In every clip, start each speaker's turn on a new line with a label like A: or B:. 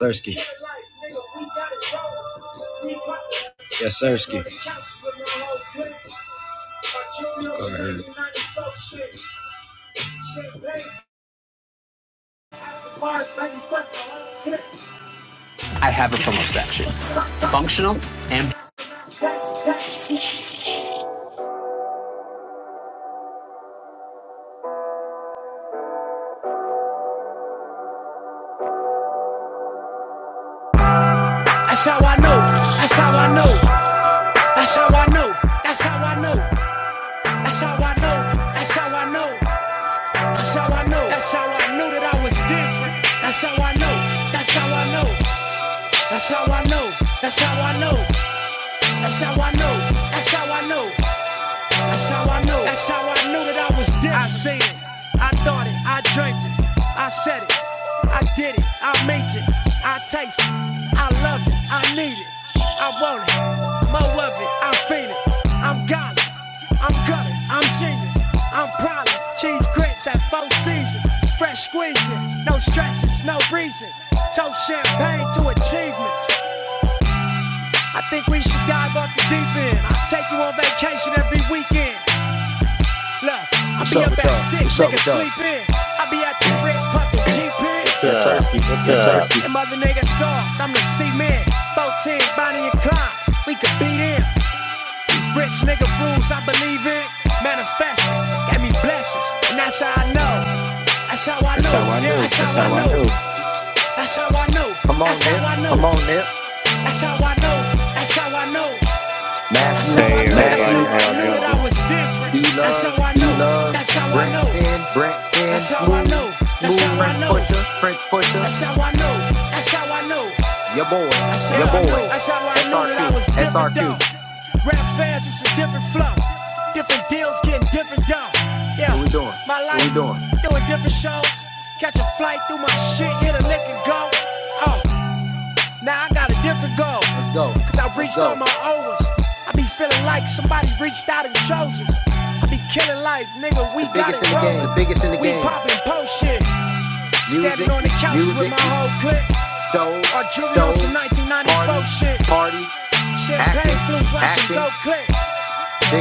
A: Sirski. Yes, Sirski.
B: I have it from obsession. functional and That's how I know. That's how I know. That's how I know. That's how I know. That's how I know. That's how I know. That's how I know. That's how I know that I was different. That's how I know. That's how I know. That's how I know. That's how I know. That's how I know. That's how I know. That's how I knew. That's how I knew that I was dead. I seen it. I thought it. I dreamt it. I said it. I did it. I made it. I taste it. I love it. I need it. I want it. More of it. I feel it. I'm godly. I'm gutter. I'm genius. I'm probably cheese grits at four seasons. Fresh squeezing. No stresses. No reason. Toast champagne to achievements. I think we should dive off the deep end. I take you on vacation every weekend. Look, I be up at
A: What's
B: six,
A: up
B: niggas
A: with y'all?
B: sleep in. I be out the bricks popping G It's uh,
C: What's
A: Yes,
C: up?
A: Sirski.
B: And mother nigga soft, I'm the C-man. 14, Bonnie and Clyde, we could beat them. These rich nigga rules I believe in. Manifesting, got me blessings, and that's how I know. That's how I that's know, how I yeah, knew. that's
A: That's
B: how I
A: how I
B: know.
A: know.
B: That's how I know, Come on, that's how man. I know,
A: Come on, Nip.
B: that's how I know, that's how I know. That's Matthew how I
D: Hey
B: know, Hey, that's
D: everybody,
B: how
A: Matthew,
D: how
B: I everybody
D: y'all
B: knew out that
D: doing?
B: there. I was different. That's D-Love, how I
A: D
B: know,
A: Love,
B: that's how I know. Braxton
A: Brent
B: That's
A: Sin,
B: how I know. That's how I
A: Smooth,
B: know.
A: Prince Pusher,
B: That's how I know. That's how I know. Your boy. That's
A: your
B: how I know.
A: boy,
B: That's how I know that I was different though.
A: SRQ.
B: Rap fans, it's a different flow. Different deals, getting different dough. Yeah. What we doing? My
A: What we doing?
B: life, doing different shows. Catch a flight through my shit, hit a lick and go. Oh, now I got a different goal. Let's go. Cause I
A: Let's
B: reached all
A: go.
B: my overs. I be feeling like somebody reached out and chose us. I be killing life, nigga. We got it in
A: The
B: rolling.
A: biggest in the
B: We
A: game.
B: popping post shit. Music. Standing on the couches with my
A: Music.
B: whole clique. So, Or jewelry on some
A: shows,
B: 1994 shit.
A: parties,
B: Champagne flutes watching go
A: acting,
B: click.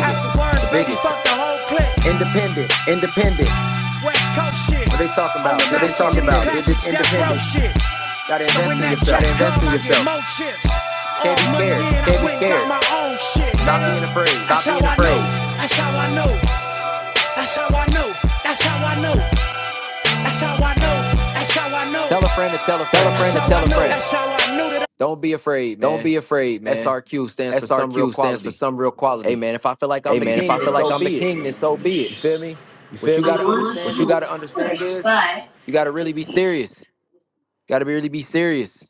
B: Afterwards,
A: the
B: baby,
A: biggest.
B: fuck the whole clique. independent.
A: Independent.
B: West Coast shit. What they talking I'm about? I'm the
A: What
B: They're
A: they
B: master to
A: talking
B: these
A: about? Did this
B: classics, death row
A: independent.
B: shit. Gotta invest So when in that yourself. check
A: Gotta invest
B: come,
A: in
B: I get
A: yourself.
B: more chips. Can't All money in, I
A: Can't be
B: went and got
A: scared.
B: my own shit. Stop being afraid. That's
A: Stop
B: how
A: being
B: I know.
A: afraid.
B: That's how I know. That's how I know. That's how I know. That's how I know. That's how I know. Tell a friend to tell a friend.
A: Tell a
B: That's
A: friend to
B: how I
A: tell a
B: know.
A: friend.
B: That's how I know that. I- Don't be afraid,
A: Don't
B: man.
A: be afraid, man.
B: SRQ stands for some real
A: SRQ stands for
B: quality.
A: some real
B: Hey,
A: quality.
B: man, if I feel like I'm
A: Hey
B: the
E: B
A: man,
E: B
A: if
B: king,
A: I
B: then
A: feel
E: drug
A: like
B: so
A: I'm
E: to
A: the
B: be it.
A: king,
E: real
A: then so be
B: You
A: it.
E: clinicians.
B: feel me?
A: You
B: What
A: feel
B: you
E: I
B: got
A: me?
B: to
E: want to
B: understand is
A: What
B: you
A: you
E: help,
A: gotta
E: of
A: understand
E: course,
A: is
E: but
A: you gotta really
E: as
A: be serious. You gotta be really be serious.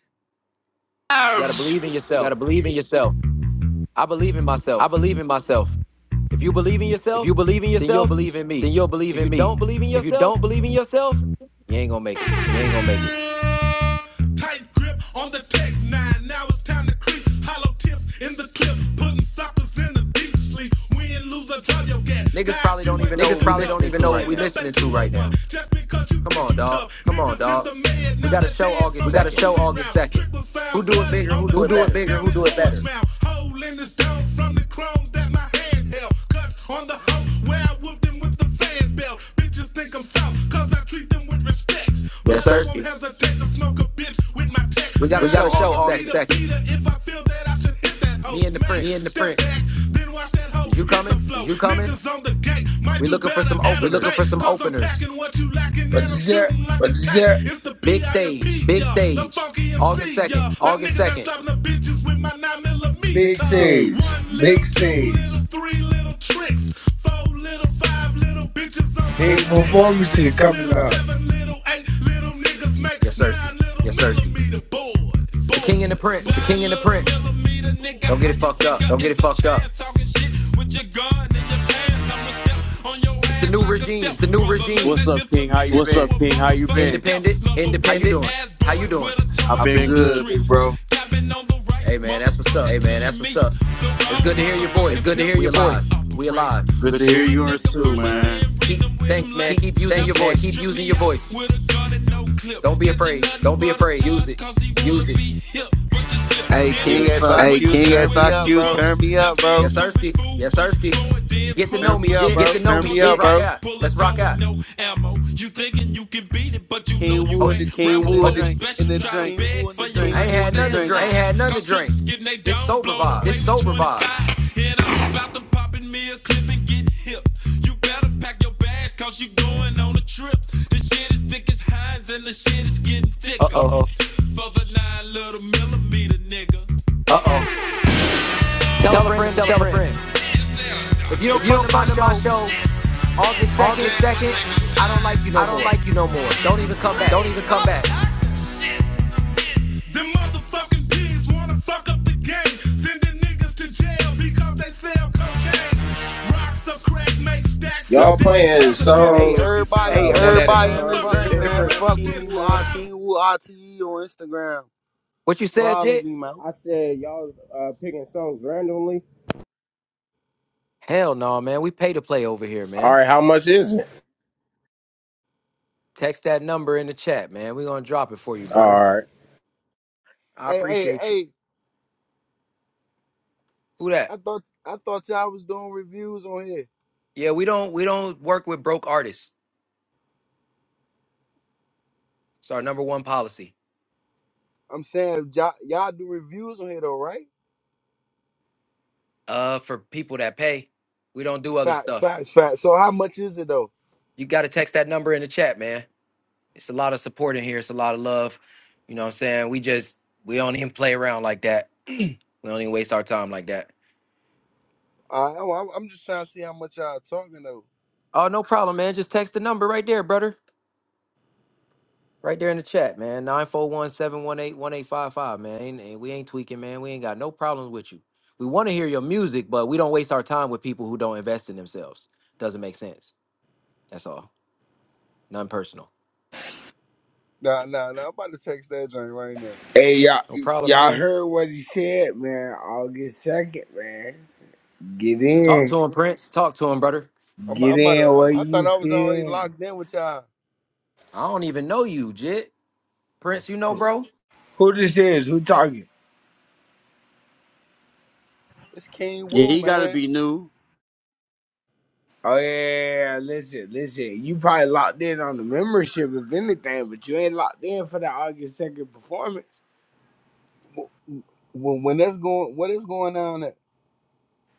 B: got to believe in
A: You gotta
B: yourself.
A: believe in yourself.
B: I believe in
A: I
B: myself.
A: believe in myself.
B: If you believe in
A: If
B: yourself,
A: you believe in
B: then you'll
A: yourself,
B: believe in
A: then
B: me.
A: you'll believe
B: If
A: in
B: you don't
A: me.
B: believe in
A: If you
B: yourself,
A: don't
B: you
A: believe in yourself,
B: ain't going to make it.
A: you ain't gonna make it.
B: Tight grip on the tech nine. Now it's time to creep. Hollow tips in the clip. Putting suckers in the deep sleep. Win, lose, or draw your gas. Niggas probably don't even know
A: Niggas
B: what we
A: probably don't
B: listening
A: even
B: to
A: know what
B: right
A: we
B: now.
A: listening to right now.
B: Come on, dog.
A: Come on, dog.
B: We got a show
A: We
B: August
A: got a
B: 2nd.
A: show August 2nd.
B: Who do it bigger, who do
A: Who
B: it
A: do it
B: better?
A: bigger?
B: Down
A: Who
B: in
A: do it
B: Orange
A: better?
B: Mound, holding this down from the chrome that my hand held. Cuts on the hoe
A: Yes,
B: Yes, sir.
A: sir.
B: We got a
A: We got
B: show
A: a show
B: August
A: August
B: 2nd.
A: 2nd.
B: Me and the Prince.
A: Me and the Prince.
B: You coming?
A: Is you coming?
B: We looking for some
A: We
B: openers.
A: looking for some openers.
B: Yes, like
F: But this is a
B: Big stage.
A: Big stage.
B: August 2nd.
A: August 2nd.
B: Big
F: big
B: stage.
F: stage,
B: Big
F: big
B: stage.
F: stage, big
B: Big
F: performances
B: performances coming
F: coming
B: up.
F: up.
B: Yes, sir.
A: Yes, sir.
B: The king and the prince.
A: The King and the Prince.
B: Don't get it fucked up.
A: Don't
B: It's
A: get it fucked up.
B: the new regime.
A: It's the new regime.
B: What's up, King? How you
D: What's
B: been?
D: up, King? How you been?
B: Independent. How you
A: Independent.
B: doing?
A: How you doing?
D: I've
B: I've
D: been
B: been good,
D: good, big
B: big bro.
D: bro.
B: Hey man, that's what's up.
A: Hey man, that's what's up.
B: It's good to hear your voice.
A: It's good to hear
B: We
A: your
B: alive.
A: voice. We alive.
D: Good
B: Good
D: to
B: to
D: hear
B: hear yours
D: yours
B: too,
D: too,
B: man.
D: man.
B: Keep, thanks, man.
A: Keep
B: Keep using your
A: thanks, man. Keep
B: voice.
A: using your voice.
B: Don't be afraid.
A: Don't be afraid.
B: Use it.
A: Use it.
B: King
D: Yes, sir.
G: Hey,
B: SRQ,
G: King
B: turn me up,
G: SIQ,
B: bro.
G: turn me up, bro.
B: Yes, sir. Get
A: Yes, sir. Get
B: to know me, up, bro.
A: get to know
G: Turn
A: me,
G: me
B: Let's
G: up,
A: Jit.
B: rock
G: bro.
B: out. Pull a
A: Let's rock
B: gun with
A: out.
B: no ammo. You thinking you can beat it, but you King know you Wu ain't. and the- and
G: King
B: Rambo's
G: Wu
B: the
G: in
A: Oh,
B: always
G: the
B: drink. best.
G: in
B: You
G: the
B: try to King
G: drink.
B: beg Wu and for the your drink. I
G: King
B: ain't
G: Wu
B: had
G: in the
B: nothing to stay
G: drink.
A: I
B: drink.
A: ain't had
B: alive.
A: nothing to
B: Cause
A: drink.
B: tricks getting they It's done sober blown vibes. away
A: This
B: with
A: sober vibes.
B: 25. And I'm about to pop in me a clip and get hip. You better pack your bags cause you going on a trip. The shit is thick as Heinz and the shit is getting
A: Uh
B: thicker. Uh
A: oh.
B: oh. For the nine little millimeter nigga.
A: Uh
B: Uh oh.
A: oh.
B: Tell a
A: Tell a
B: friend to
A: friend to
B: tell a
A: tell a
B: friend.
A: friend.
B: If you don't
A: If you
B: come
A: don't
B: to my
A: come to my
B: show
A: show
B: August 2nd,
A: August second,
B: I don't like you no
A: I don't
B: more.
A: like you no more.
B: Don't even come back.
A: Don't even come back.
B: Them motherfucking G's wanna fuck up the game. Sending niggas to jail because they sell cocaine. Rocks of crack make stacks
H: Y'all
B: Y'all playing
H: playing
B: presidents. songs, Hey,
H: songs
B: everybody, uh,
H: uh,
G: Hey,
B: one at
H: one
B: a
H: at a
B: time.
G: everybody in
B: Fuck
G: the
H: time,
G: drink, man.
H: different.
G: Fuck with me, man. King Wu RTE on Instagram.
A: What you said,
G: Follow
A: Jit?
G: me, man.
H: I said y'all uh, picking songs randomly.
A: Hell no, man. We pay to play over here,
H: All
A: man.
H: right, how much is it?
A: Text that number in the chat, man. We gonna drop it for you,
H: All
A: brother.
H: right.
A: I
G: Hey, hey,
A: appreciate you.
G: hey.
A: Who that?
G: I thought I thought y'all was doing reviews on here.
A: Yeah, we don't we don't work with broke artists. It's our number one policy.
G: I'm saying y'all, y'all do reviews on here though, right?
A: Uh, for people that pay, we don't do other
G: Facts,
A: stuff.
G: facts, facts. So how much is it though?
A: You got to text that number in the chat, man. It's a lot of support in here. It's a lot of love. You know what I'm saying? We just we don't even play around like that. we don't even waste our time like that.
G: Uh, I'm, I'm just trying to see how much y'all talking though.
A: Oh, no problem, man. Just text the number right there, brother. Right there in the chat, man. Nine four one seven one eight one eight five five, man. Ain't, ain't- we ain't tweaking, man. We ain't got no problems with you. We want to hear your music, but we don't waste our time with people who don't invest in themselves. Doesn't make sense. That's all. None personal.
G: Nah, nah, nah. I'm about to text that joint right now.
F: Hey, y'all,
A: No problem,
F: y'all
A: man.
F: heard what he said, man. August 2nd, man. Get
A: Talk
F: in.
A: to him, Prince. Talk to him, brother.
G: I'm,
F: Get
G: I'm, outta-
F: in
G: I'm
F: where
G: I thought
F: you
G: I
F: fit
G: was already
F: in.
G: locked in with y'all.
A: I don't even know you, Jit. Prince, you know, bro.
F: Who this is? Who talking?
G: It's King
D: Yeah,
G: Wu,
D: he gotta
G: man.
D: be new.
F: Oh, yeah, yeah, yeah, listen, listen. You probably locked in on the membership, if anything, but you ain't locked in for the August 2nd performance.
G: Wh- When, when that's going, what is going on? At?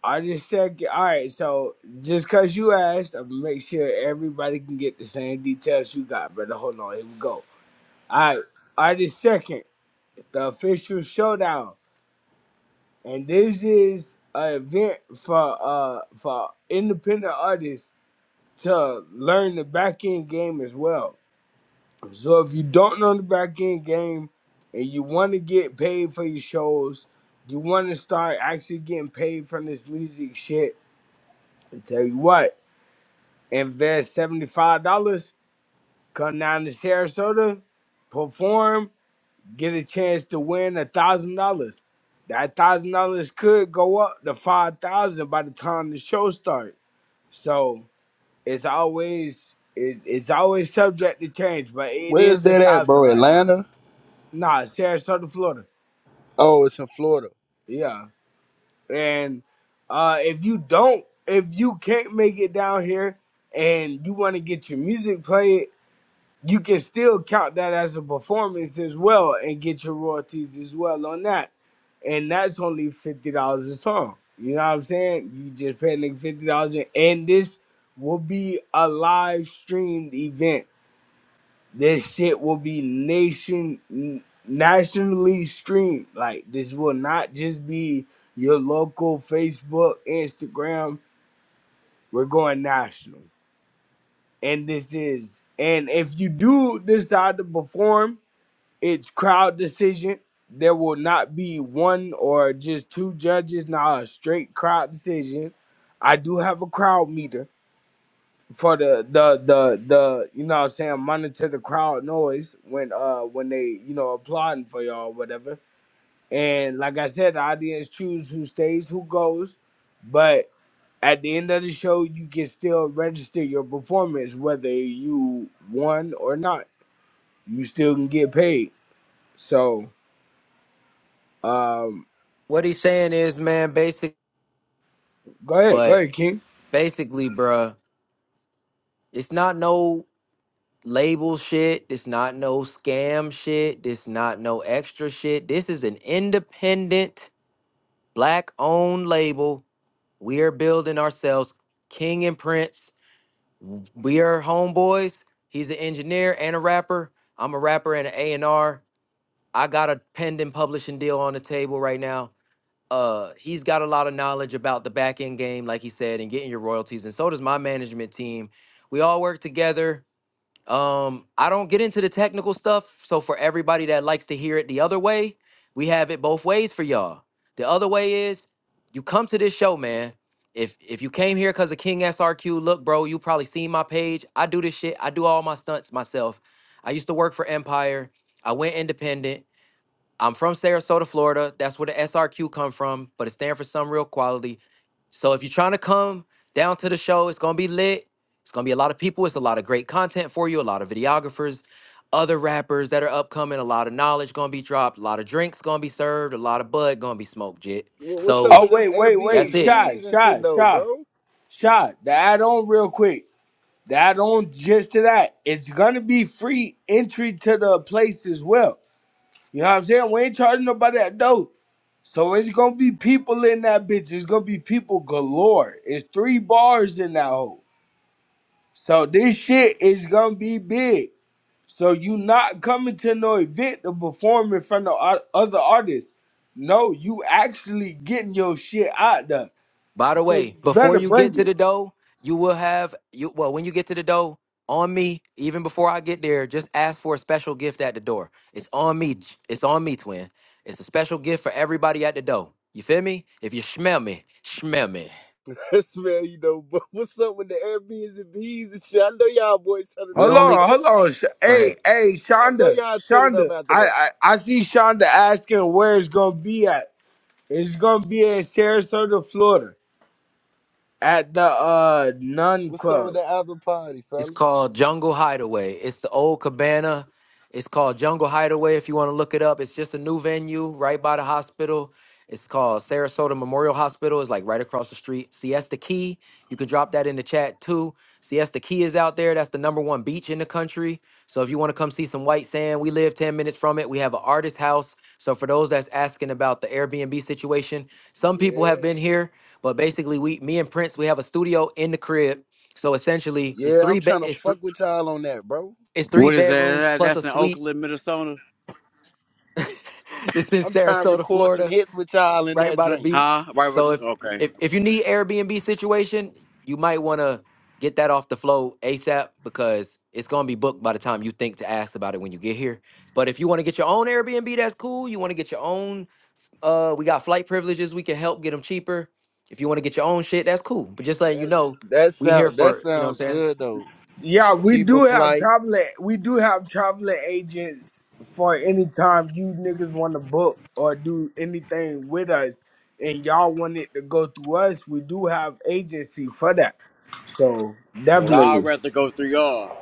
F: I just said, all right. So just cause you asked, I'm gonna make sure everybody can get the same details you got, brother. Hold on, here we go. All right, August second, the official showdown, and this is an event for uh for independent artists to learn the back end game as well. So if you don't know the back end game and you want to get paid for your shows, you want to start actually getting paid from this music shit. I tell you what. invest $75, come down to Sarasota, perform, get a chance to win $1,000. That $1,000 could go up to 5000 by the time the show starts. So it's always it, it's always subject to change, but it
G: Where is
F: is a
G: that at,
F: thousand
G: bro?
F: right now.
G: Atlanta?
F: Nah, Sarasota, Florida.
G: Oh, it's in Florida.
F: Yeah. And uh if you don't if you can't make it down here and you want to get your music played you can still count that as a performance as well and get your royalties as well on that. And that's only fifty dollars a song. You know what I'm saying? You just pay a nigga fifty dollars and this will be a live streamed event. This shit will be nation n- nationally streamed. Like this will not just be your local Facebook, Instagram. We're going national. And this is and if you do decide to perform it's crowd decision. There will not be one or just two judges. Now a straight crowd decision. I do have a crowd meter for the the the the you know what I'm saying monitor the crowd noise when uh when they you know applauding for y'all or whatever. And like I said, the audience choose who stays, who goes. But at the end of the show, you can still register your performance whether you won or not. You still can get paid. So. um.
A: What he's saying is, man, basic,
F: Go ahead, go
A: but
F: ahead, King.
A: basically, bruh, it's not no label shit. It's not no scam shit. It's not no extra shit. This is an independent, black owned label. We are building ourselves King and Prince. We are homeboys. He's an engineer and a rapper. I'm a rapper and an A&R I got a pending publishing deal on the table right now. Uh, he's got a lot of knowledge about the back end game, like he said, and getting your royalties. And so does my management team. We all work together. Um, I don't get into the technical stuff. So for everybody that likes to hear it the other way, we have it both ways for y'all. The other way is you come to this show, man. If if you came here because of King SRQ, look, bro, you probably seen my page. I do this shit. I do all my stunts myself. I used to work for Empire. I went independent. I'm from Sarasota, Florida. That's where the SRQ come from, but it stands for some real quality. So if you're trying to come down to the show, it's gonna be lit. It's gonna be a lot of people. It's a lot of great content for you. A lot of videographers, other rappers that are upcoming. A lot of knowledge gonna be dropped. A lot of drinks gonna be served. A lot of bud gonna be smoked. Jit.
G: Wha- What's up
A: So
F: Oh
G: with them
F: wait, wait,
A: that's
F: wait,
A: it.
F: shy,
G: Airbnbs and shit
F: shy,
G: though,
F: shy,
G: bro?
F: shy. The add on real quick. The add on just to that. It's gonna be free entry to the place as well. You know what I'm saying? We ain't charging nobody that dope. So it's gonna be people in that bitch. It's gonna be people galore. It's three bars in that hole. So this shit is gonna be big. So you not coming to no event to perform in front of o- other artists. No, you actually getting your shit out there.
A: By the
F: So you
A: way, before
F: better
A: you get
F: bring
A: to
F: it.
A: the dough, you will have you well when you get to the dough on me. Even before I get there, just ask for a special gift at the door. It's on me. J- It's on me, twin. It's a special gift for everybody at the dough. You feel me? If you smell me, smell me.
G: That's man, you know. But what's up with the Airbnbs and shit? I know y'all boys turning
A: We
F: Hold
G: up
A: only
G: after
F: on,
G: that.
F: hold on. Sh-
A: go ahead.
F: Hey, hey,
G: I know
F: Shonda,
G: y'all turning up
F: Shonda.
G: after
F: I,
G: that.
F: I, I see Shonda asking where it's gonna be at. It's gonna be in Sarasota, Florida, at the uh Nun
G: What's up
F: Club.
G: with the after party,
A: It's
G: fellas?
A: called Jungle Hideaway. It's the old cabana. It's called Jungle Hideaway if you want to look it up. It's just a new venue right by the hospital. It's called Sarasota Memorial Hospital. It's like right across the street. Siesta Key. You can drop that in the chat too. Siesta Key is out there. That's the number one beach in the country. So if you want to come see some white sand, we live 10 minutes from it. We have an artist house. So for those that's asking about the Airbnb situation, some people have
G: Yeah,
A: been here, but basically we me and Prince, we have a studio in the crib so essentially, it's
G: yeah. I'm
A: three be-
G: trying to
A: it's th-
G: fuck with y'all on that, bro.
A: it's three
D: What is that?
A: bedrooms
D: That-
A: plus a
D: That's in
A: suite.
D: Oakland, Minnesota,
A: This in
G: I'm trying to
A: Sarasota,
G: record some
A: Florida,
G: hits with y'all in
A: right
G: that
A: by the
G: drink.
A: beach.
D: huh? Right. With,
A: So if
D: okay.
A: if if you need Airbnb situation, you might want to get that off the flow ASAP because it's gonna be booked by the time you think to ask about it when you get here. But if you want to get your own Airbnb, that's cool. You want to get your own. Uh, we got flight privileges. We can help get them cheaper. If you want to get your own shit, that's cool. But just letting you
G: That
A: know,
G: that
A: we here
G: sound that
A: for you know what
G: sounds
A: I'm saying.
G: good though.
F: Yeah, we
G: Cheaper
F: do have
G: flight.
F: travel. We do have travel agents for any time you niggas want to book or do anything with us, and y'all want it to go through us. We do have agency for that. So
D: Well, I'd
F: definitely,
D: rather go through y'all.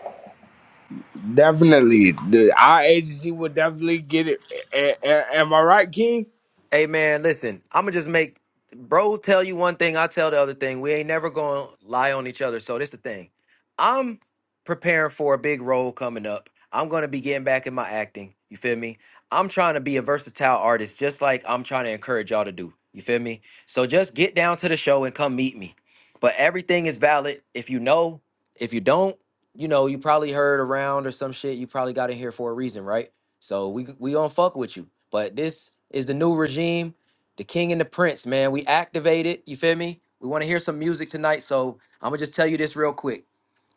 F: definitely, the, our agency will definitely get it. A- a- am I right, King?
A: Hey man, listen, I'ma just make bro tell you one thing, I tell the other thing. We ain't never gonna lie on each other. So this the thing. I'm preparing for a big role coming up. I'm gonna be getting back in my acting. You feel me? I'm trying to be a versatile artist, just like I'm trying to encourage y'all to do. You feel me? So just get down to the show and come meet me. But everything is valid. If you know, if you don't, you know, you probably heard around or some shit, you probably got in here for a reason, right? So we we gonna fuck with you. But this is the new regime, the king and the prince, man. We activated. You feel me? We want to hear some music tonight. So I'm gonna just tell you this real quick.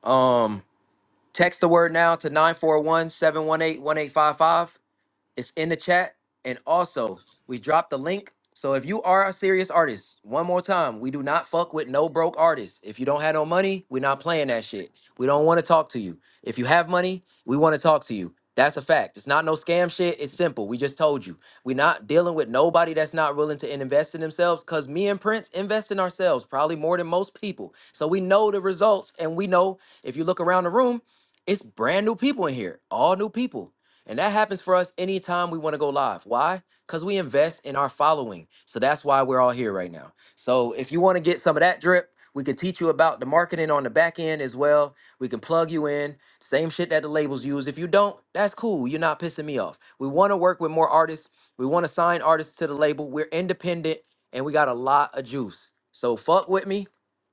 A: Um, text the word now to nine four one seven one eight one eight five five. It's in the chat. And also, we dropped the link. So if you are a serious artist, one more time, we do not fuck with no broke artists. If you don't have no money, we're not playing that shit. We don't want to talk to you. If you have money, we want to talk to you. That's a fact. It's not no scam shit. It's simple. We just told you. We're not dealing with nobody that's not willing to invest in themselves because me and Prince invest in ourselves probably more than most people. So we know the results. And we know if you look around the room, it's brand new people in here, all new people. And that happens for us anytime we want to go live. Why? Because we invest in our following. So that's why we're all here right now. So if you want to get some of that drip, we could teach you about the marketing on the back end as well. We can plug you in. Same shit that the labels use. If you don't, that's cool. You're not pissing me off. We want to work with more artists. We want to sign artists to the label. We're independent and we got a lot of juice. So fuck with me.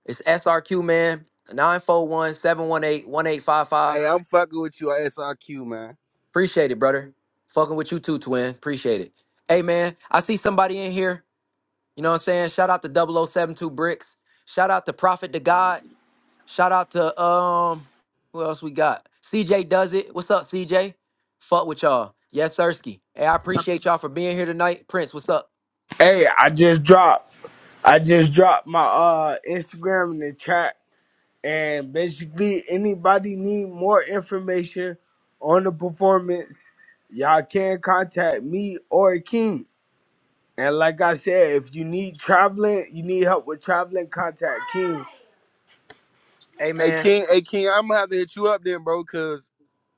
A: It's SRQ man, 941 718 1855.
G: Hey, I'm fucking with you, SRQ man.
A: Appreciate it, brother. Fucking with you too, twin. Appreciate it. Hey, man, I see somebody in here. You know what I'm saying? Shout out to 0072 Bricks. Shout out to Prophet to God. Shout out to, um, who else we got? CJ Does It. What's up, CJ? Fuck with y'all. Yes, Sirski. Hey, I appreciate y'all for being here tonight. Prince, what's up?
F: Hey, I just dropped. I just dropped my uh Instagram in the chat. and basically anybody need more information on the performance y'all can contact me or king and like i said if you need traveling you need help with traveling contact king
A: Hey,
G: Hey
A: man.
G: King, hey King, I'm gonna have to hit you up then, bro, cause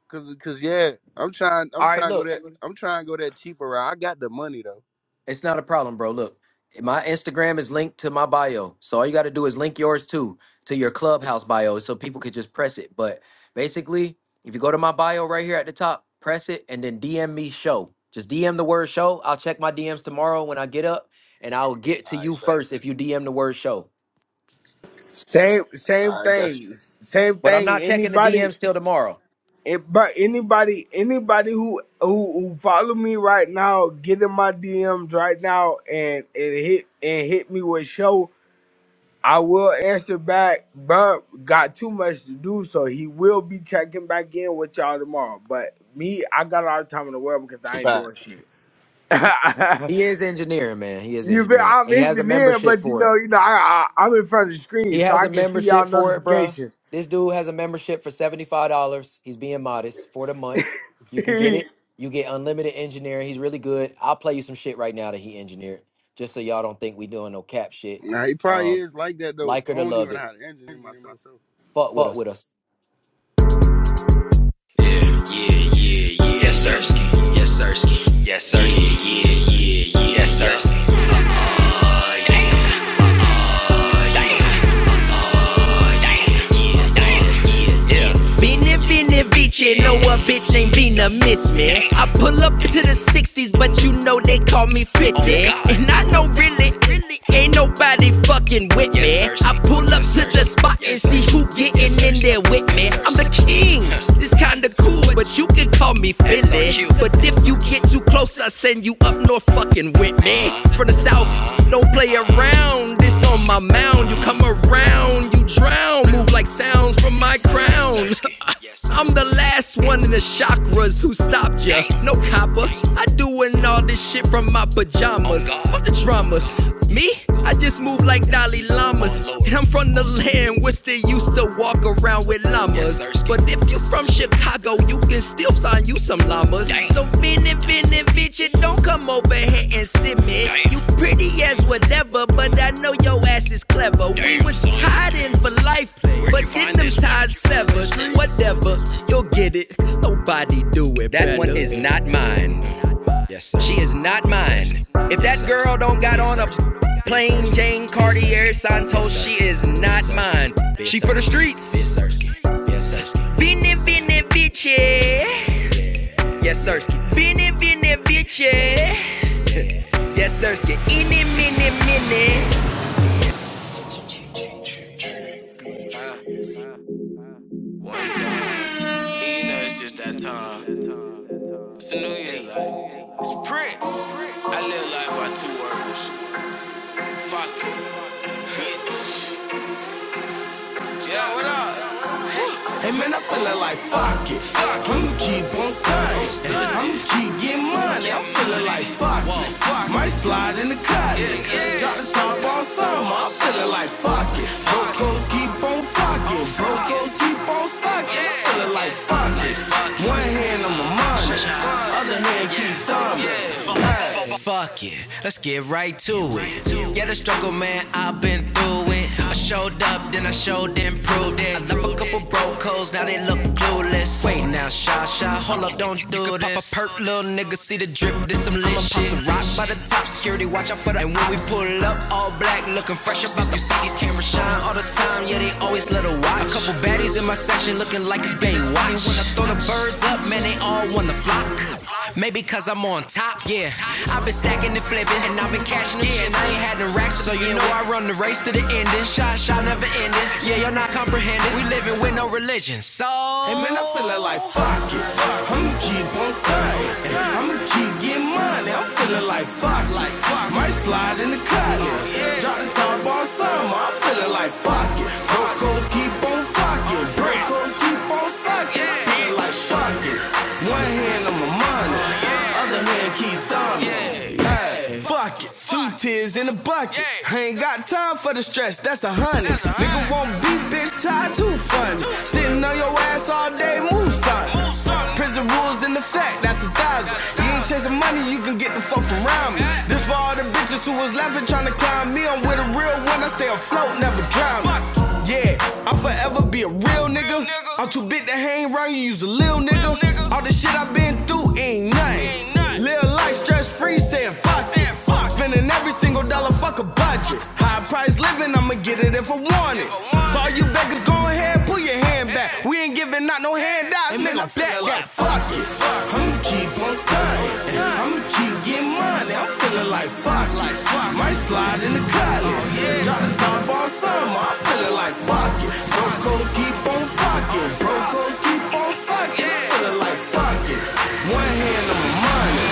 G: cause cause yeah, I'm trying I'm
A: All right,
G: trying to go
A: look.
G: that I'm trying to go that cheaper route. I got the money though.
A: It's not a problem, bro. Look, my Instagram is linked to my bio. So all you got to do is link yours too to your Clubhouse bio so people could just press it. But basically, if you go to my bio right here at the top, press it and then DM me show. Just DM the word show. I'll check my DMs tomorrow when I get up and I'll get to
G: All right,
A: you
G: bet.
A: first if you DM the word show.
F: same same
G: I guess
F: thing same
A: But I'm
F: thing
A: not checking the
F: anybody
A: DMs till tomorrow.
F: it, but anybody anybody who, who who follow me right now get in my dms right now and and hit and hit me with show I will answer back. but got too much to do, so he will be checking back in with y'all tomorrow. But me, I got all the time in the world because I ain't doing
G: facts.
F: shit.
A: He is engineering, man. He is
F: you feel,
A: engineering.
F: I'm
A: And he has a
F: engineering,
A: membership
F: but you
A: for it.
F: know, you know, I, I I'm in front of the screen,
A: He
F: so
A: has
F: I
A: a
F: can see
A: membership
F: y'all
A: for it, bruh.
F: notifications.
A: This dude has a membership for $75. He's being modest for the month. You can get it.
F: it's
A: You get unlimited engineering. He's really good. I'll play you some shit right now that he engineered, just so y'all don't think we doing no cap shit.
G: Nah, he probably
A: Um,
G: is like that though.
A: like
G: I
A: her to
G: don't
A: love
G: even know
A: it.
G: how to engineer myself.
A: Fuck with us.
B: with us. Yeah, yeah, yeah. Yes, Sirski. Yes, Sirski. Yes, sir. Yeah, yeah, yeah, yeah. Yes, Sirski. Been it, been know a bitch. I pull up at Oh, that. Ain't nobody fucking with me. I pull up to the spot and see who getting in there with me. I'm the king. This kinda cool, but you can call me Finley. But if you get too close, I send you up north fucking with me. From the south, don't play around. This this on my mound, you come around, you drown. Move like sounds from my crown. I'm the last one in the chakras who stopped ya. No copper, I doing all this shit from my pajamas. Fuck the dramas. Me? I just move like Dalai Lamas. And I'm from the land where still used to walk around with llamas. But if you from Chicago, you can still sign you some llamas. Dang. So many, many bitches, don't come over here and sit me. Dang. You pretty as whatever, but I know your ass is clever. Damn, we was son. tied in for life, Where'd but then them ties severed. Whatever, you'll get it. 'cause Nobody do it. That better. one is not mine. She is not mine. If that girl don't got on a plain Jane Cartier Santos, she is not mine. She for the streets. Bini bini bitchy. Yes, Sirski. Bini bini bitchy. Yes, Sirski. Ini mini mini. It's just New Year's. It's Prince. I live life by two words. I get fucked. I'ma keep on stunning. I'm funny. I'm feeling like fuck. Fuck. Might slide in the cut. Drop the top on some, I'm feeling like fuck it. Brocos keep on fucking. Brocos keep on sucking. I'm feeling like fuck it. One hand on my money, other hand keep thumbing. Fuck it, let's get right to it. Yeah, the struggle, man, I've been through it. I showed up, then I showed and proved it. I left a couple broke hoes, now they look clueless. Wait now, shy, shy, hold up, don't do you can this. Pop a perk, little nigga, see the drip, this some lit shit. I'ma pop Some rock by the top, security, watch out for the. And when we pull up, all black, looking fresh about You see these cameras shine all the time, yeah, they always let her watch. A couple baddies in my section, looking like it's Baywatch. Funny when I throw the birds up, man, they all wanna flock. Maybe cause I'm on top, yeah. I've been stacking and flipping, and I've been cashing the chips. I ain't had no racks, so you know I run the race to the ending. Shot, shot, never ending. Yeah, you're not comprehending. We living with no religion, so. Hey man, I feelin' like fuck it. I'ma keep on styling. I'ma keep getting money. I'm feelin' like fuck it. Might slide in the college. Drop the top all summer. I'm feelin' like fuck it. Broncos keep on fucking. Broncos keep on sucking. I feel like fuck it. One hand hand on my money. Other hand keep thumbing. Hey, fuck it. Two tears in a bucket. I ain't got time for the stress, that's a hundred. Nigga won't be bitch tied to funny. Sitting on your ass all day, move something. Prison rules in effect, that's a thousand. You ain't chasing money, you can get the fuck from around me. This for all the bitches who was laughing, trying to climb me. I'm with a real one, I stay afloat, never drown. Me. Yeah, I'll forever be a real nigga. I'm too big to hang around you, use a lil' nigga. All the shit I've been through ain't nothing. Live life stress free, saying fuck. it. Spending every single dollar, fuck a budget. High price living, I'ma get it if I want it. So all you beggars, go ahead, pull your hand back. We ain't giving out no handouts, nigga. Fuck that, yeah, fuck it. I'ma keep on stunning. I'ma keep getting money. I'm feeling like fuck. Like Might slide in the cotton. yeah. Drop the top all summer. I'm feeling like fuck it. Brocos keep on fucking. Brocos keep on sucking. I'm feeling like fuck it. One hand on my money.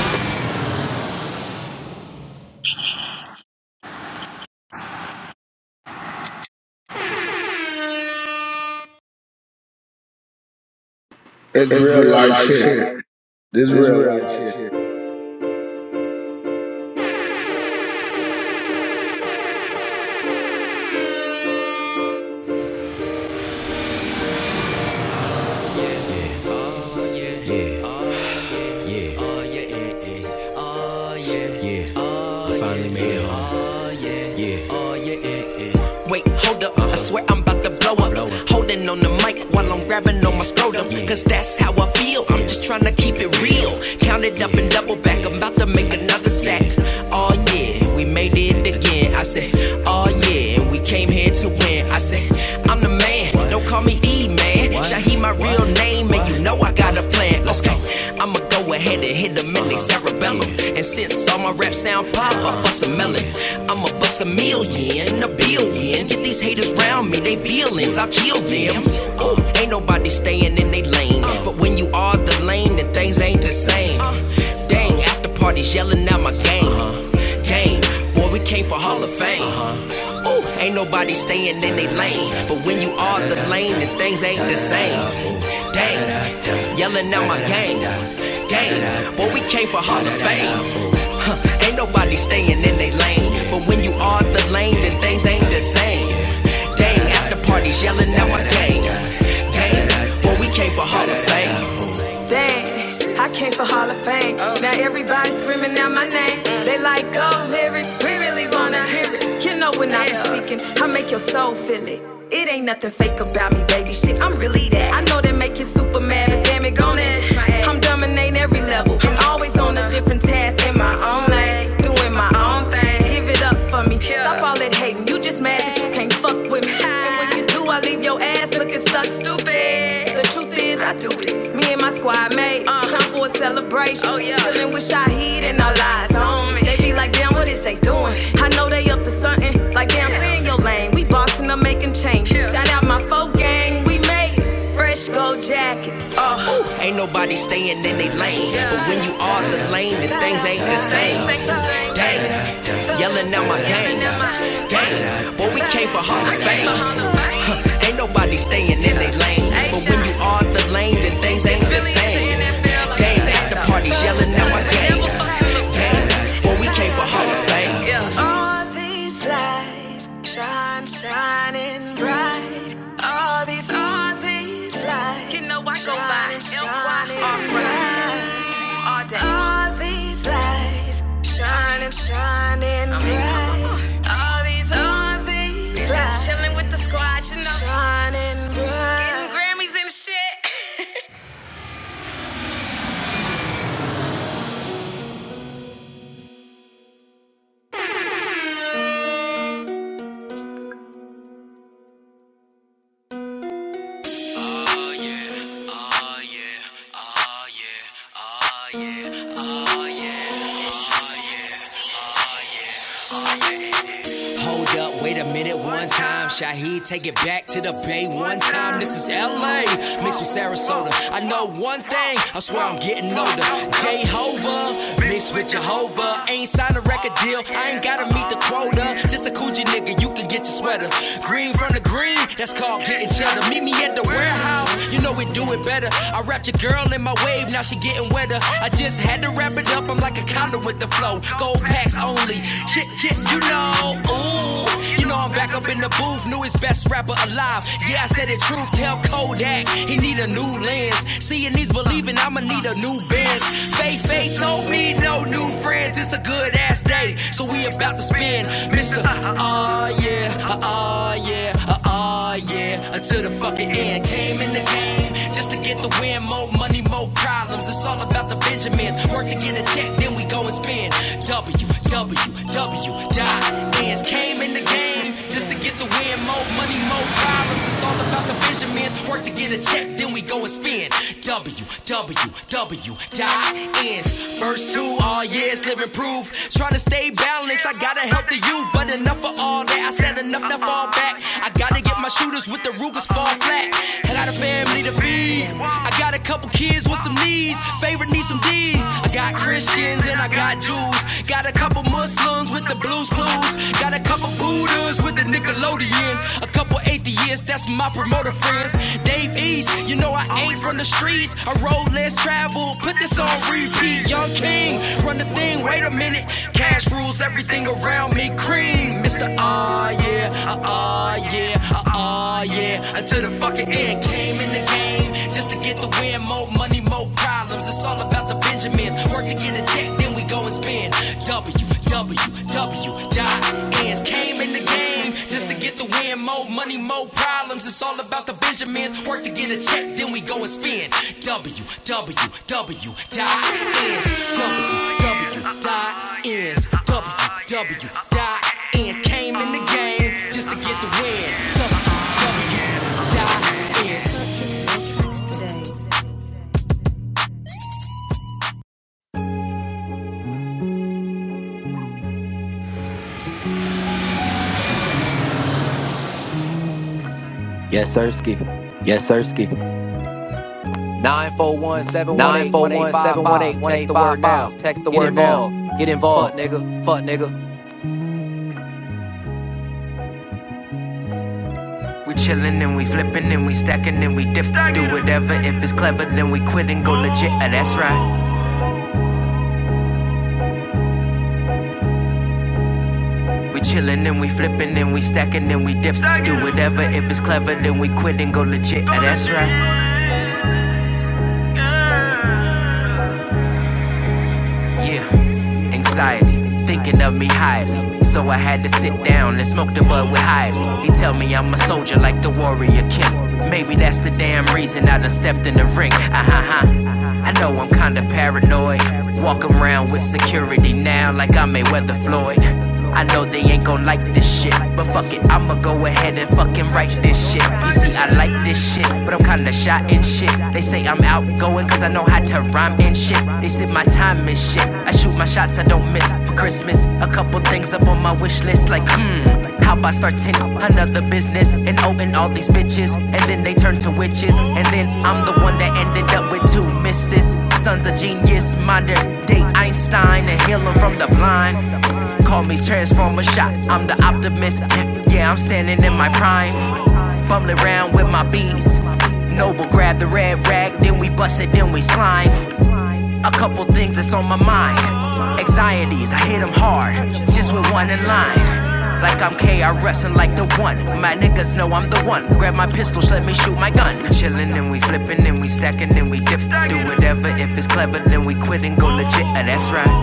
B: It's
F: real
B: real
F: life
B: life
F: shit.
B: shit.
F: This
B: It's
F: real
B: real
F: life
B: life
F: shit.
B: shit. wait, hold up. I swear I'm about to blow up. Holding on the mic while I'm grabbing on my scrotum. Cause that's how I feel. I'm just trying to keep it real. Count it up and double back. I'm about to make another sack. Oh yeah, we made it again. I said, oh yeah, and we came here to win. I said, I'm the man. Don't call me E, man. Shaheed my real name, and you know I got a plan jet, let's go. I'ma go ahead and hit them in they cerebellum. And since all my raps sound pop, I bust a melon. I'ma bust a million, a billion. Get these haters round me, they feelings, I'll kill them. Ooh, ain't nobody staying in they lane. But when you are the lane, then things ain't the same. Dang, after parties yelling out my game. Game game. Boy, we came for Hall of Fame. Uh-huh. Ooh, ain't nobody staying in their lane. But when you are the lane, then things ain't the same. Dang, yelling out my gang. Gang, boy, we came for Hall of Fame. Huh, ain't nobody staying in their lane. But when you are the lane, then things ain't the same. Dang, after parties, yelling out my gang. Gang, boy, we came for Hall of Fame. Dang, I came for Hall of Fame. Now everybody screaming out my name. They like go lyric. We really wanna hear it. You know when I'm speaking, I make your soul feel it. It ain't nothing fake about me, baby. Shit, I'm really that. I know they make you super mad, but damn it, gone it. I'm dominating every level. I'm always on a different different tasks in my own lane, doing my own thing. Give it up for me. Stop all that hating. You just mad that you can't fuck with me. And when you do, I leave your ass looking such stupid. The truth is, I do this. Me and my squad mate, uh, time for a celebration. Oh yeah, feeling with Shaheed and our lies on me. They be like, damn, what is they doing? I know they up to something. Like damn, yeah. Stay in your lane lane. We bossing, I'm making change. Shout out my folk gang, we made it. Fresh gold jacket. Uh, Ooh, ain't nobody staying in their lane. But when you are the lane, then things ain't the same. Dang, yelling out my gang, Dang, boy, we came for Hall of Fame. ain't nobody staying in their lane. But when you are the lane, then things ain't the same. Dang, game. After parties yelling at my game. Game. Well, we came for Hall of Fame. All these lights shine, shining bright. All these, all these lights. You know I go by M Y R all day. All these lights shining, shining bright. All these, all these lights. Chilling with the squad, you know. Shining bright. Getting Grammys and shit. Hold up, wait a minute, one time. Shaheed, take it back to the bay one time. This is LA, mixed with Sarasota. I know one thing, I swear I'm getting older. Jehovah, mixed with Jehovah. Ain't signed a record deal, I ain't gotta meet the quota. Just a coochie nigga, you can get your sweater. Green from the green, that's called getting cheddar. Meet me at the warehouse, you know we do it better. I wrapped your girl in my wave, now she getting wetter. I just had to wrap it up, I'm like a condom with the flow. Gold packs only, Philly. Shit, shit, you know. Ooh, you know I'm back up in the booth. Newest best rapper alive. Yeah, I said it truth. Tell Kodak he need a new lens. Seeing these believing, I'ma need a new Benz. Faye Faye told me no new friends. It's a good ass day, so we about to spin, Mister. Ah uh, yeah, ah uh, yeah, ah oh yeah, until the fucking end. Came in the game just to get the win. More money, more problems. It's all about the Benjamins. Work to get a check, then we go and spend. W, W, W, dot ends. Came in the game just to get the win. More money, more problems. It's all about about the Benjamins. Work to get a check, then we go and spin. W, W, W, die ends. First two, all years, live and prove. Trying to stay balanced, I gotta help the youth. But enough of all that, I said enough to fall back. I gotta get my shooters with the Rugers fall flat. I got a family to feed. I got a couple kids with some needs. Favorite needs some D's. I got Christians and I got Jews. Got a couple Muslims with the blues clues. Got a couple Buddhas with the Nickelodeon. A couple atheists 50 years, that's my promoter friends. Dave East, you know I ain't from the streets. I road less travel, put this on repeat. Young King, run the thing, wait a minute. Cash rules everything around me, cream. Mr. Ah, yeah, ah, ah, yeah, ah, ah, yeah. Until the fucking end came in the game, just to get the win, more money, more problems. It's all about the Benjamins, work to get a check then we go and spin WWW. Ends came in the game just to get the win. More money, more problems. It's all about the Benjamins. Work to get a check, then we go and spin WWW. Ends WW. Ends WW. Ends came in the game just to get the win. WW. Ends.
A: Yes, Sirski.
B: Yes, Sirski.
A: 941
B: Nine
A: 718
B: four one 718 one
A: Text
B: eight
A: the
B: five
A: word
B: five.
A: now.
B: Text the
A: Get
B: word now.
A: involved.
B: Get
A: Fuck,
B: involved.
A: nigga.
B: Fuck, nigga. and then we stacking and we dip. Do whatever if it's clever, then we quit and go legit. Ah, that's right. We chillin' and we flippin' and we stacking and we dip. Do whatever if it's clever, then we quit and go legit. Ah, that's right. Yeah, anxiety, thinking of me highly. So I had to sit down and smoke the bud with Hiley. He tell me I'm a soldier like the warrior Kim. Maybe that's the damn reason I done stepped in the ring. Ah ha ha. I know I'm kinda paranoid. Walk around with security now like I'm Mayweather Floyd. I know they ain't gon' like this shit, but fuck it, I'ma go ahead and fucking write this shit. You see, I like this shit, but I'm kinda shy and shit. They say I'm outgoing cause I know how to rhyme and shit. They sit my time and shit. I shoot my shots, I don't miss for Christmas. A couple things up on my wish list, like, hmm. How about starting another business and owing all these bitches? And then they turn to witches. And then I'm the one that ended up with two misses. Sons a genius, modern day Einstein, and healing from the blind. Call me transformer shot, I'm the optimist. Yeah, I'm standing in my prime. Bumbling around with my bees. Noble grab the red rag, then we bust it, then we slime. A couple things that's on my mind. Anxieties, I hit 'em hard, just with one in line. Like I'm KRS and like the one. My niggas know I'm the one. Grab my pistols, let me shoot my gun. Chillin' and we flippin' and we stackin' and we dip. Do whatever if it's clever, then we quit and go legit. Uh, that's right.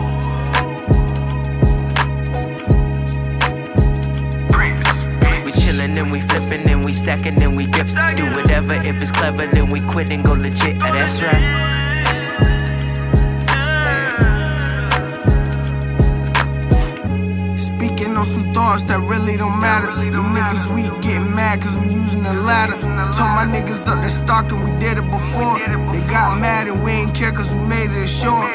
B: We chillin' and we flippin' and we stackin' and we dip. Do whatever if it's clever, then we quit and go legit. Ah, that's right. Speaking on some thoughts that really don't matter. You niggas weak getting mad cause I'm using the ladder. Told my niggas up that stock and we did it before. They got mad and we ain't care cause we made it ashore.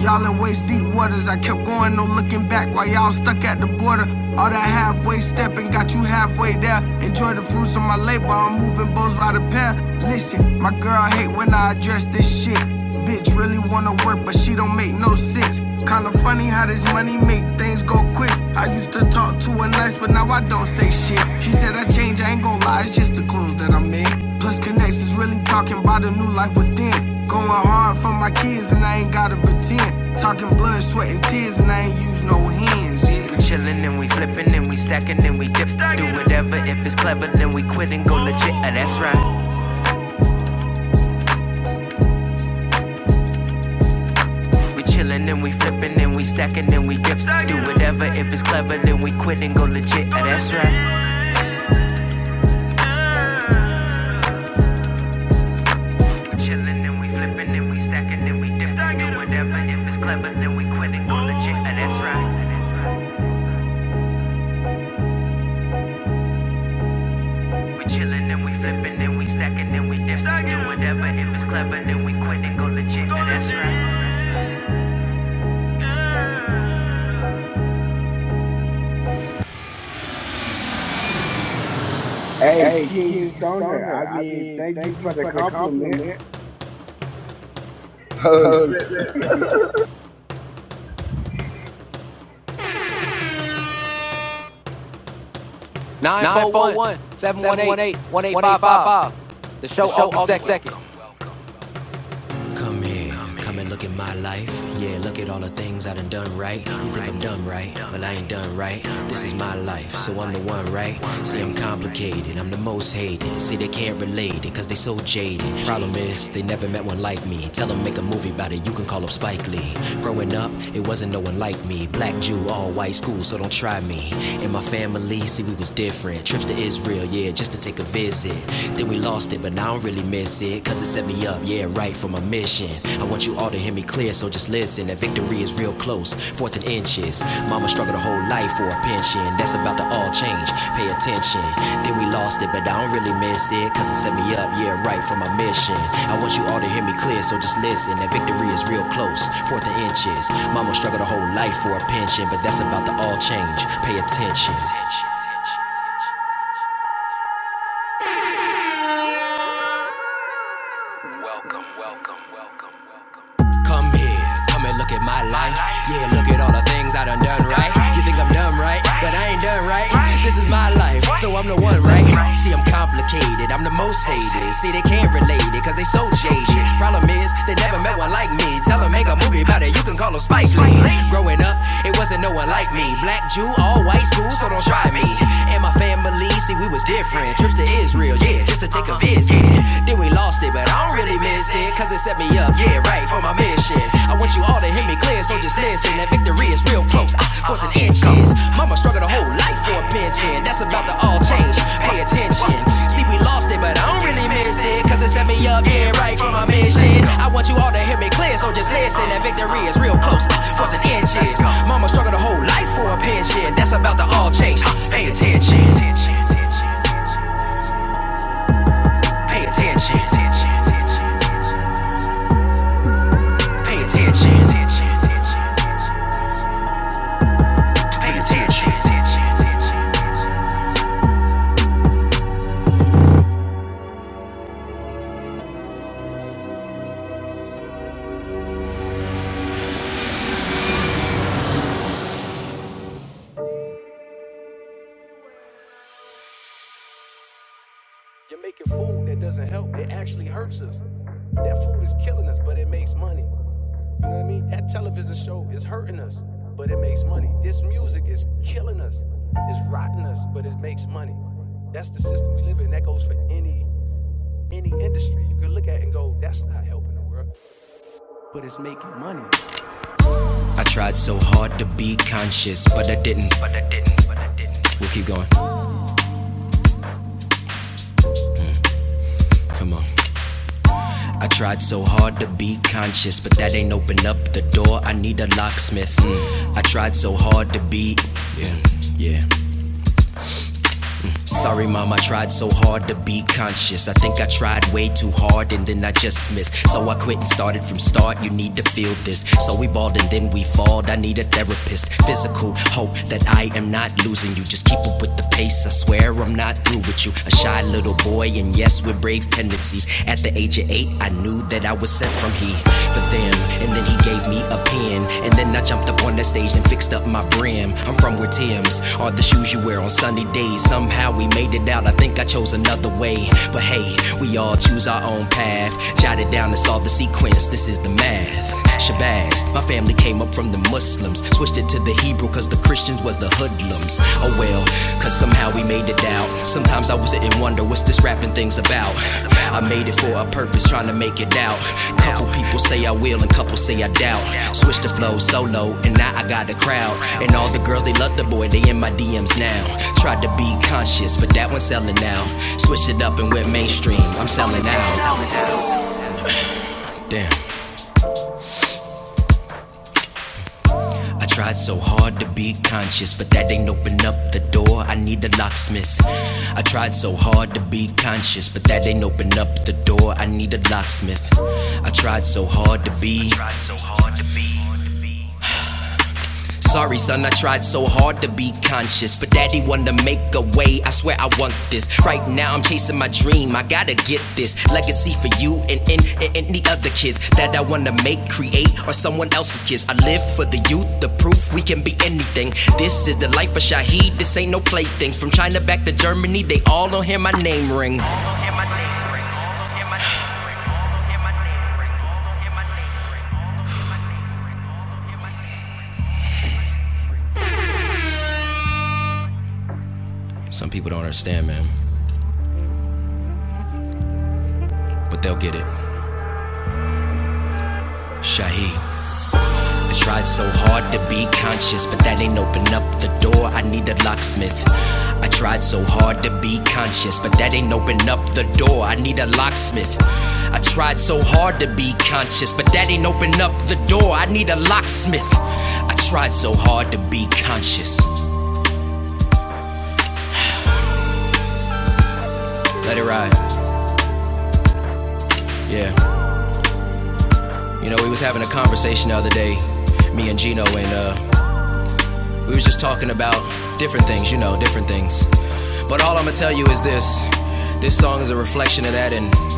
B: Y'all in waist deep waters, I kept going, no looking back while y'all stuck at the border. All that halfway stepping got you halfway there. Enjoy the fruits of my labor, I'm moving bows by the pair. Listen, my girl hate when I address this shit. Bitch really wanna work, but she don't make no sense. Kinda funny how this money make things go quick. I used to talk to her nice, but now I don't say shit. She said I changed, I ain't gon' lie, it's just the clothes that I'm in. Plus Connects is really talking about a new life within. Going hard for my kids and I ain't gotta pretend. Talking blood, sweat, and tears, and I ain't use no hands, yeah. We chillin' and we flippin' and we stackin' and we dip. Do whatever if it's clever, then we quit and go legit. Ah, that's right. We chillin' and we flippin' and we stackin' and we dip. Do whatever if it's clever, then we quit and go legit. Oh, that's right. We chillin' and we flippin' and we stackin' and we dip. Do whatever if it's clever, then we quit and go legit. Oh, that's right. We chillin' and we flippin' and we stackin' and we dip. Do whatever if it's clever, then we quit and go legit. Oh, that's right.
F: Hey,
B: Hey,
F: King
B: King
F: Stoner.
B: Stoner,
F: I
B: I
F: mean,
B: mean,
F: thank you
B: thank you
F: for the
B: for the
F: compliment.
B: compliment.
I: Oh shit.
A: Nine
B: Nine
A: four
B: four
A: one
B: one
A: seven one
B: seven one
A: eight
B: eight
A: one eight
B: one eight
A: five
B: five
A: five.
B: five.
A: The
B: The
A: show
B: show
A: August
B: August
A: 2nd.
B: 2nd. Come here, come and look at my life. Yeah, look at all the things I done done right. You think I'm done right? Well, I ain't done right. This is my life, so I'm the one, right? See, I'm complicated, I'm the most hated. See, they can't relate it, cause they so jaded. Problem is, they never met one like me. Tell them make a movie about it, you can call up Spike Lee. Growing up, it wasn't no one like me. Black Jew, all white school, so don't try me. In my family, see, we was different. Trips to Israel, yeah, just to take a visit. Then we lost it, but now I don't really miss it. Cause it set me up, yeah, right for my mission. I want you all to hear me clear, so just listen. That victory is real close, fourth and inches. Mama struggled a whole life for a pension. That's about to all change, pay attention. Then we lost it, but I don't really miss it. Cause it set me up, yeah, right for my mission. I want you all to hear me clear, so just listen. That victory is real close, fourth and inches. Mama struggled a whole life for a pension, but that's about to all change, pay attention. Come here, come and look at my life. Yeah, look at all the things I done done right. You think I'm dumb, right? But I ain't done right. This is my life, so I'm the one, right? See, I'm complicated, I'm the most hated. See, they can't relate it, cause they so jaded. Problem is, they never met one like me. Tell them, make a movie about it, you can call them Spike Lee. Growing up, it wasn't no one like me. Black Jew, all white school, so don't try me. And my family, see, we was different. Trips to Israel, yeah, just to take a visit. Then we lost it. But I don't really miss it, cause it set me up, yeah, right, for my mission. I want you all to hear me clear, so just listen. That victory is real close, ah, fourth and inches. Mama struggled a whole life for a pension, that's about to all change. Pay attention. See, we lost it, but I don't really miss it, cause it set me up, yeah, right, for my mission. I want you all to hear me clear, so just listen. That victory is real close, ah, fourth and inches. Mama struggled a whole life for a pension, that's about to all change. ah, Pay attention. Pay attention. Pay attention. This kills money. You know what I mean? That television show is hurting us, but it makes money. This music is killing us, it's rotting us, but it makes money. That's the system we live in. That goes for any any industry. You can look at it and go, that's not helping the world, but it's making money. I tried so hard to be conscious, but I didn't. But I didn't. But I didn't. We'll keep going. Come on. I tried so hard to be conscious, but that ain't open up the door. I need a locksmith. Mm. I tried so hard to be, yeah. Sorry, mom, I tried so hard to be conscious. I think I tried way too hard and then I just missed. So I quit and started from start. You need to feel this. So we balled and then we falled. I need a therapist. Physical hope that I am not losing you. Just keep up with the pace. I swear I'm not through with you. A shy little boy, and yes, with brave tendencies. At the age of eight, I knew that I was sent from he for them. And then he gave me a pen. And then I jumped up on the stage and fixed up my brim. I'm from where Tim's are the shoes you wear on sunny days. Somehow we made it out. I think I chose another way. But hey, we all choose our own path. Jot it down and solve the sequence. This is the math. Shabazz, my family came up from the Muslims. Switched it to the Hebrew cause the Christians was the hoodlums. Oh well, cause somehow we made it out. Sometimes I was sitting wonder what's this rapping thing's about. I made it for a purpose, trying to make it out. Couple people say I will and couple say I doubt. Switch the flow solo, and now I got the crowd. And all the girls, they love the boy, they in my DMs now. Tried to be conscious, but that one's selling out. Switch it up and went mainstream, I'm selling out. Damn. I tried so hard to be conscious, but that ain't open up the door. I need a locksmith. I tried so hard to be conscious, but that ain't open up the door. I need a locksmith. I tried so hard to be. I tried so hard to be. Sorry, son, I tried so hard to be conscious, but daddy wanted to make a way. I swear I want this. Right now, I'm chasing my dream. I gotta get this legacy for you and, and, and any other kids that I wanna make, create, or someone else's kids. I live for the youth, the proof we can be anything. This is the life of Shahid. This ain't no plaything. From China back to Germany, they all don't hear my name ring. Some people don't understand, man, but they'll get it. Shaheed. I tried so hard to be conscious, but that ain't open up the door. I need a locksmith. I tried so hard to be conscious, but that ain't open up the door. I need a locksmith. I tried so hard to be conscious, but that ain't open up the door. I need a locksmith. I tried so hard to be conscious. Let it ride. Yeah. You know, we was having a conversation the other day, me and Gino, and uh, We was just talking about different things, you know, different things. But all I'm gonna tell you is this this song is a reflection of that, and I'm gonna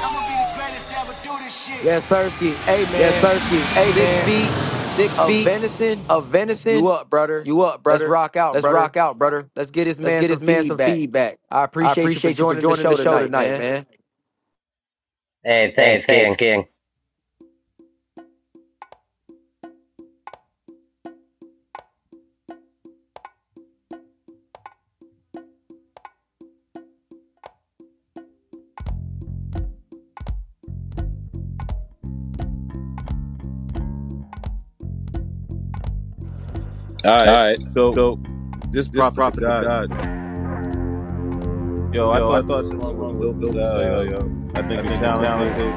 B: be the greatest to ever do this shit.
A: Yes, sir. Hey,
B: Yes,
A: man.
B: sir. Hey,
A: Six
B: man.
A: feet
B: Six
A: of
B: feet
A: venison.
B: of
A: You
B: venison.
A: up, brother?
B: You up,
A: Let's
B: brother?
A: rock out,
B: Let's
A: brother.
B: rock out, brother.
A: Let's get this
B: Let's
A: man
B: get
A: some
B: this man some
A: feedback.
B: feedback.
A: I
B: I
A: appreciate you for
B: appreciate you for
A: joining the
B: joining the
A: show
B: show
A: tonight,
B: tonight,
A: man.
B: man.
C: Hey, thanks, King.
J: All
B: All
J: right.
B: right.
J: So
B: So
J: this
B: this
J: prophet to
B: prophet to
J: God,
B: God,
J: yo, I
B: yo, I
J: thought the
B: thought this
J: song was
B: song
J: dope
B: was
J: as
B: dope as
J: hell,
B: hell,
J: yo.
B: yo.
J: I think
B: I
J: you're
B: think you're
J: talented.
B: talented.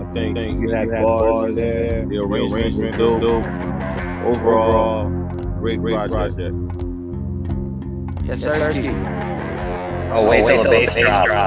J: I
B: I
J: think
B: think
J: you
B: you
J: had
B: had
J: bars in
B: bars in
J: there.
B: there.
J: The
B: The
J: arrangement was
B: arrangement was
J: dope.
B: dope.
J: Overall,
B: Overall,
J: great
B: great
J: project.
B: project.
A: Yes,
B: Yes,
A: sir.
B: Sirski.
C: Oh, wait till the bass drops.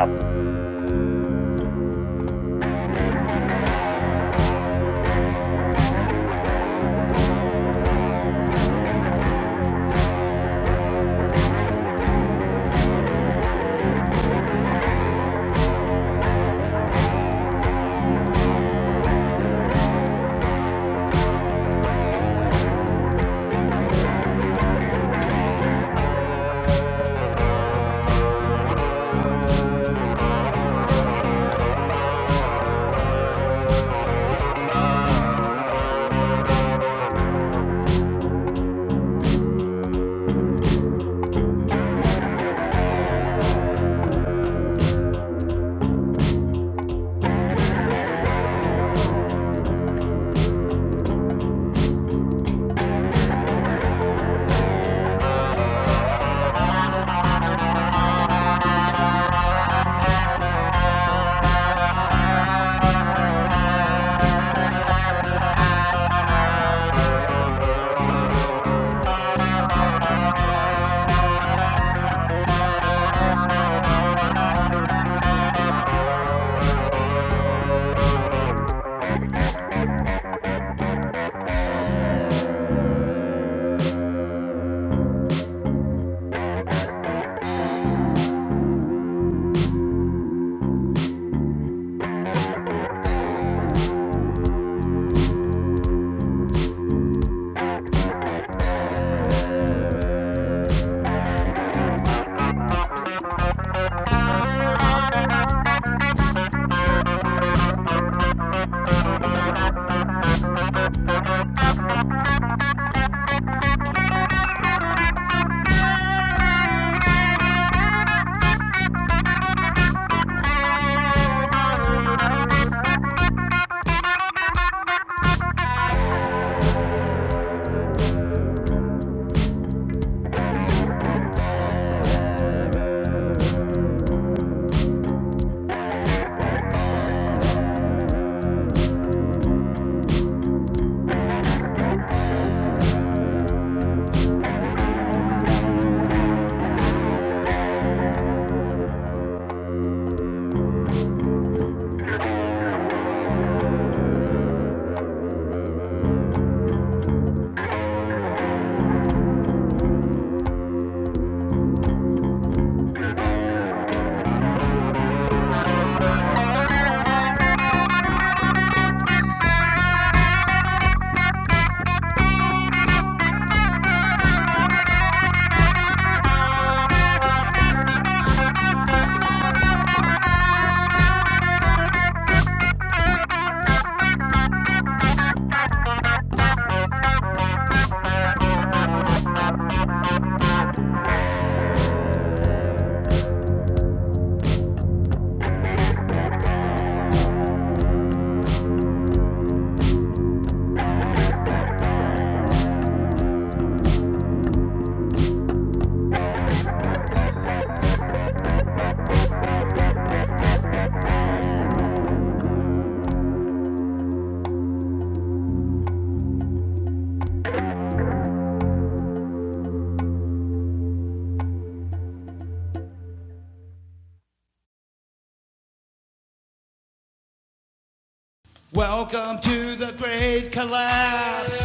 B: Welcome to the great collapse.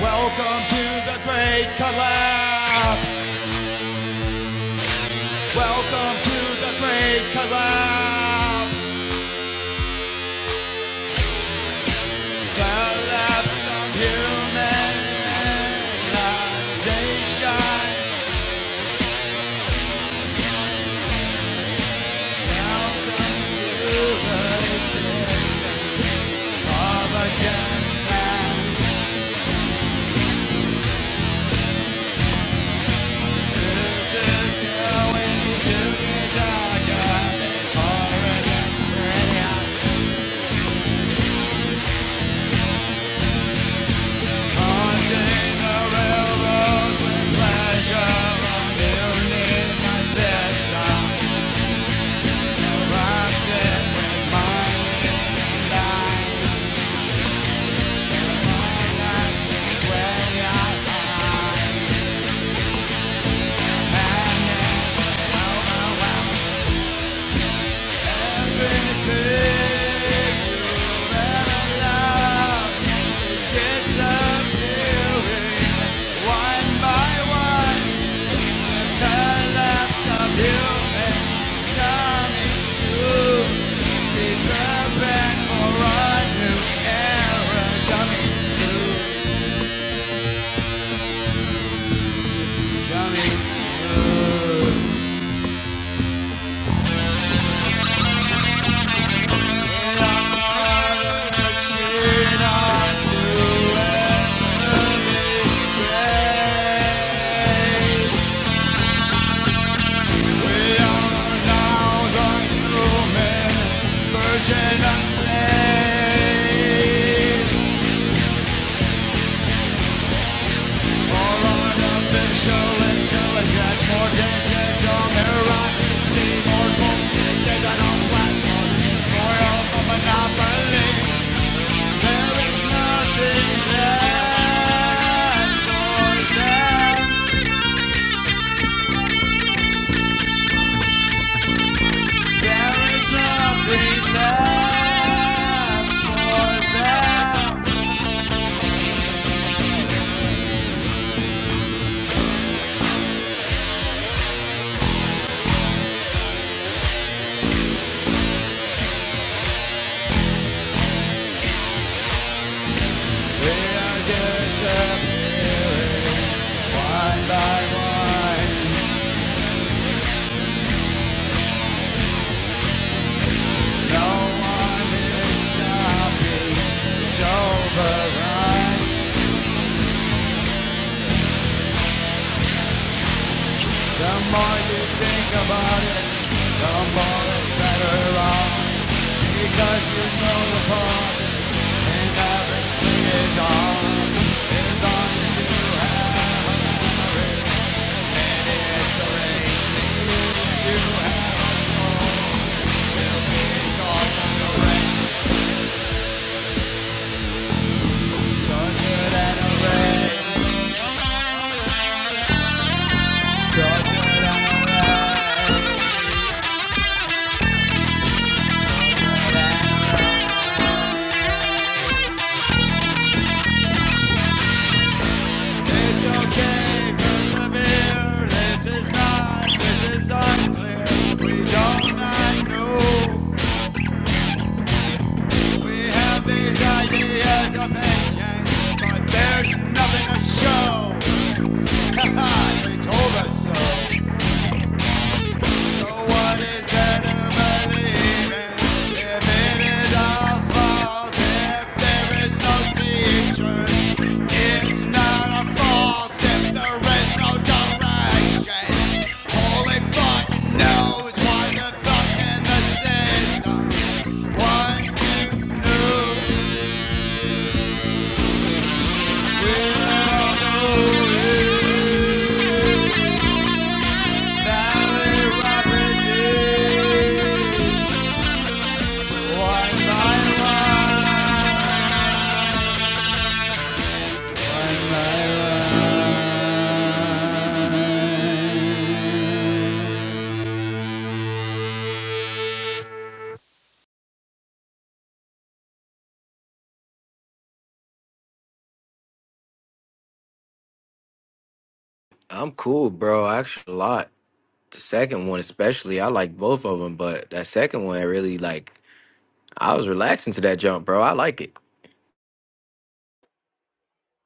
B: Welcome to the great collapse. Welcome to the great collapse. Collapse of humanization. Welcome to the existence of a generation. One by one, the laps of you and coming. Virgin of slave All artificial intelligence, more decades of bureaucracy, more bullshit taken on platform, more of a monopoly. There is nothing left for them. There is nothing left for them. We are disappointed by wine. No one is stopping. It's over. right? The more you think about it, the more it's better off. Because you know the thoughts and everything is off. As long as you have an inspiration, if you have a soul, it'll be taught to the rain. We have these ideas, of opinions, but there's nothing to show. Haha, they told us so. So what is there to believe in? If it is all false, if there is no teacher, it's not a fault if there is no direction. Holy fuck knows what the fuck in the system. One thing new, oh, oh, it's rapidly.
A: I'm cool, bro. I Actually, a lot. The second one, especially, I like both of them, but that second one really like. I was relaxing to that jump, bro. I like it.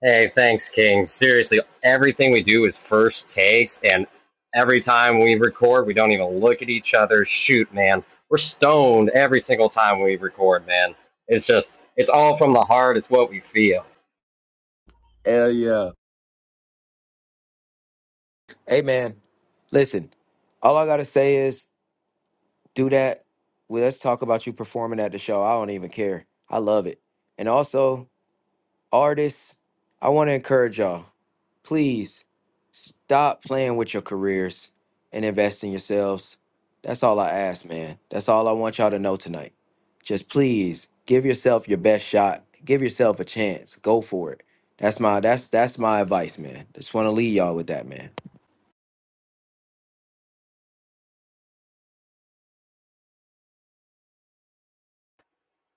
C: Hey, thanks, King. Seriously, everything we do is first takes, and every time we record, we don't even look at each other. Shoot, man. We're stoned every single time we record, man. It's just, it's all from the heart. It's what we feel.
I: Hell yeah.
A: Hey, man. Listen, all I gotta say is do that. Well, let's talk about you performing at the show. I don't even care. I love it. And also, artists, I want to encourage y'all. Please stop playing with your careers and invest in yourselves. That's all I ask, man. That's all I want y'all to know tonight. Just please give yourself your best shot. Give yourself a chance. Go for it. That's my that's that's my advice, man. Just want to leave y'all with that, man.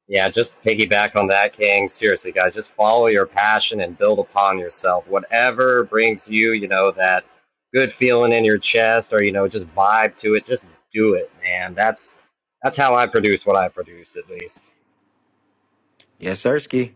C: Yeah, just piggyback on that, King. Seriously, guys, just follow your passion and build upon yourself. Whatever brings you, you know, that good feeling in your chest or, you know, just vibe to it, just do it, man. That's that's how I produce what I produce at least.
A: Yes, sirski.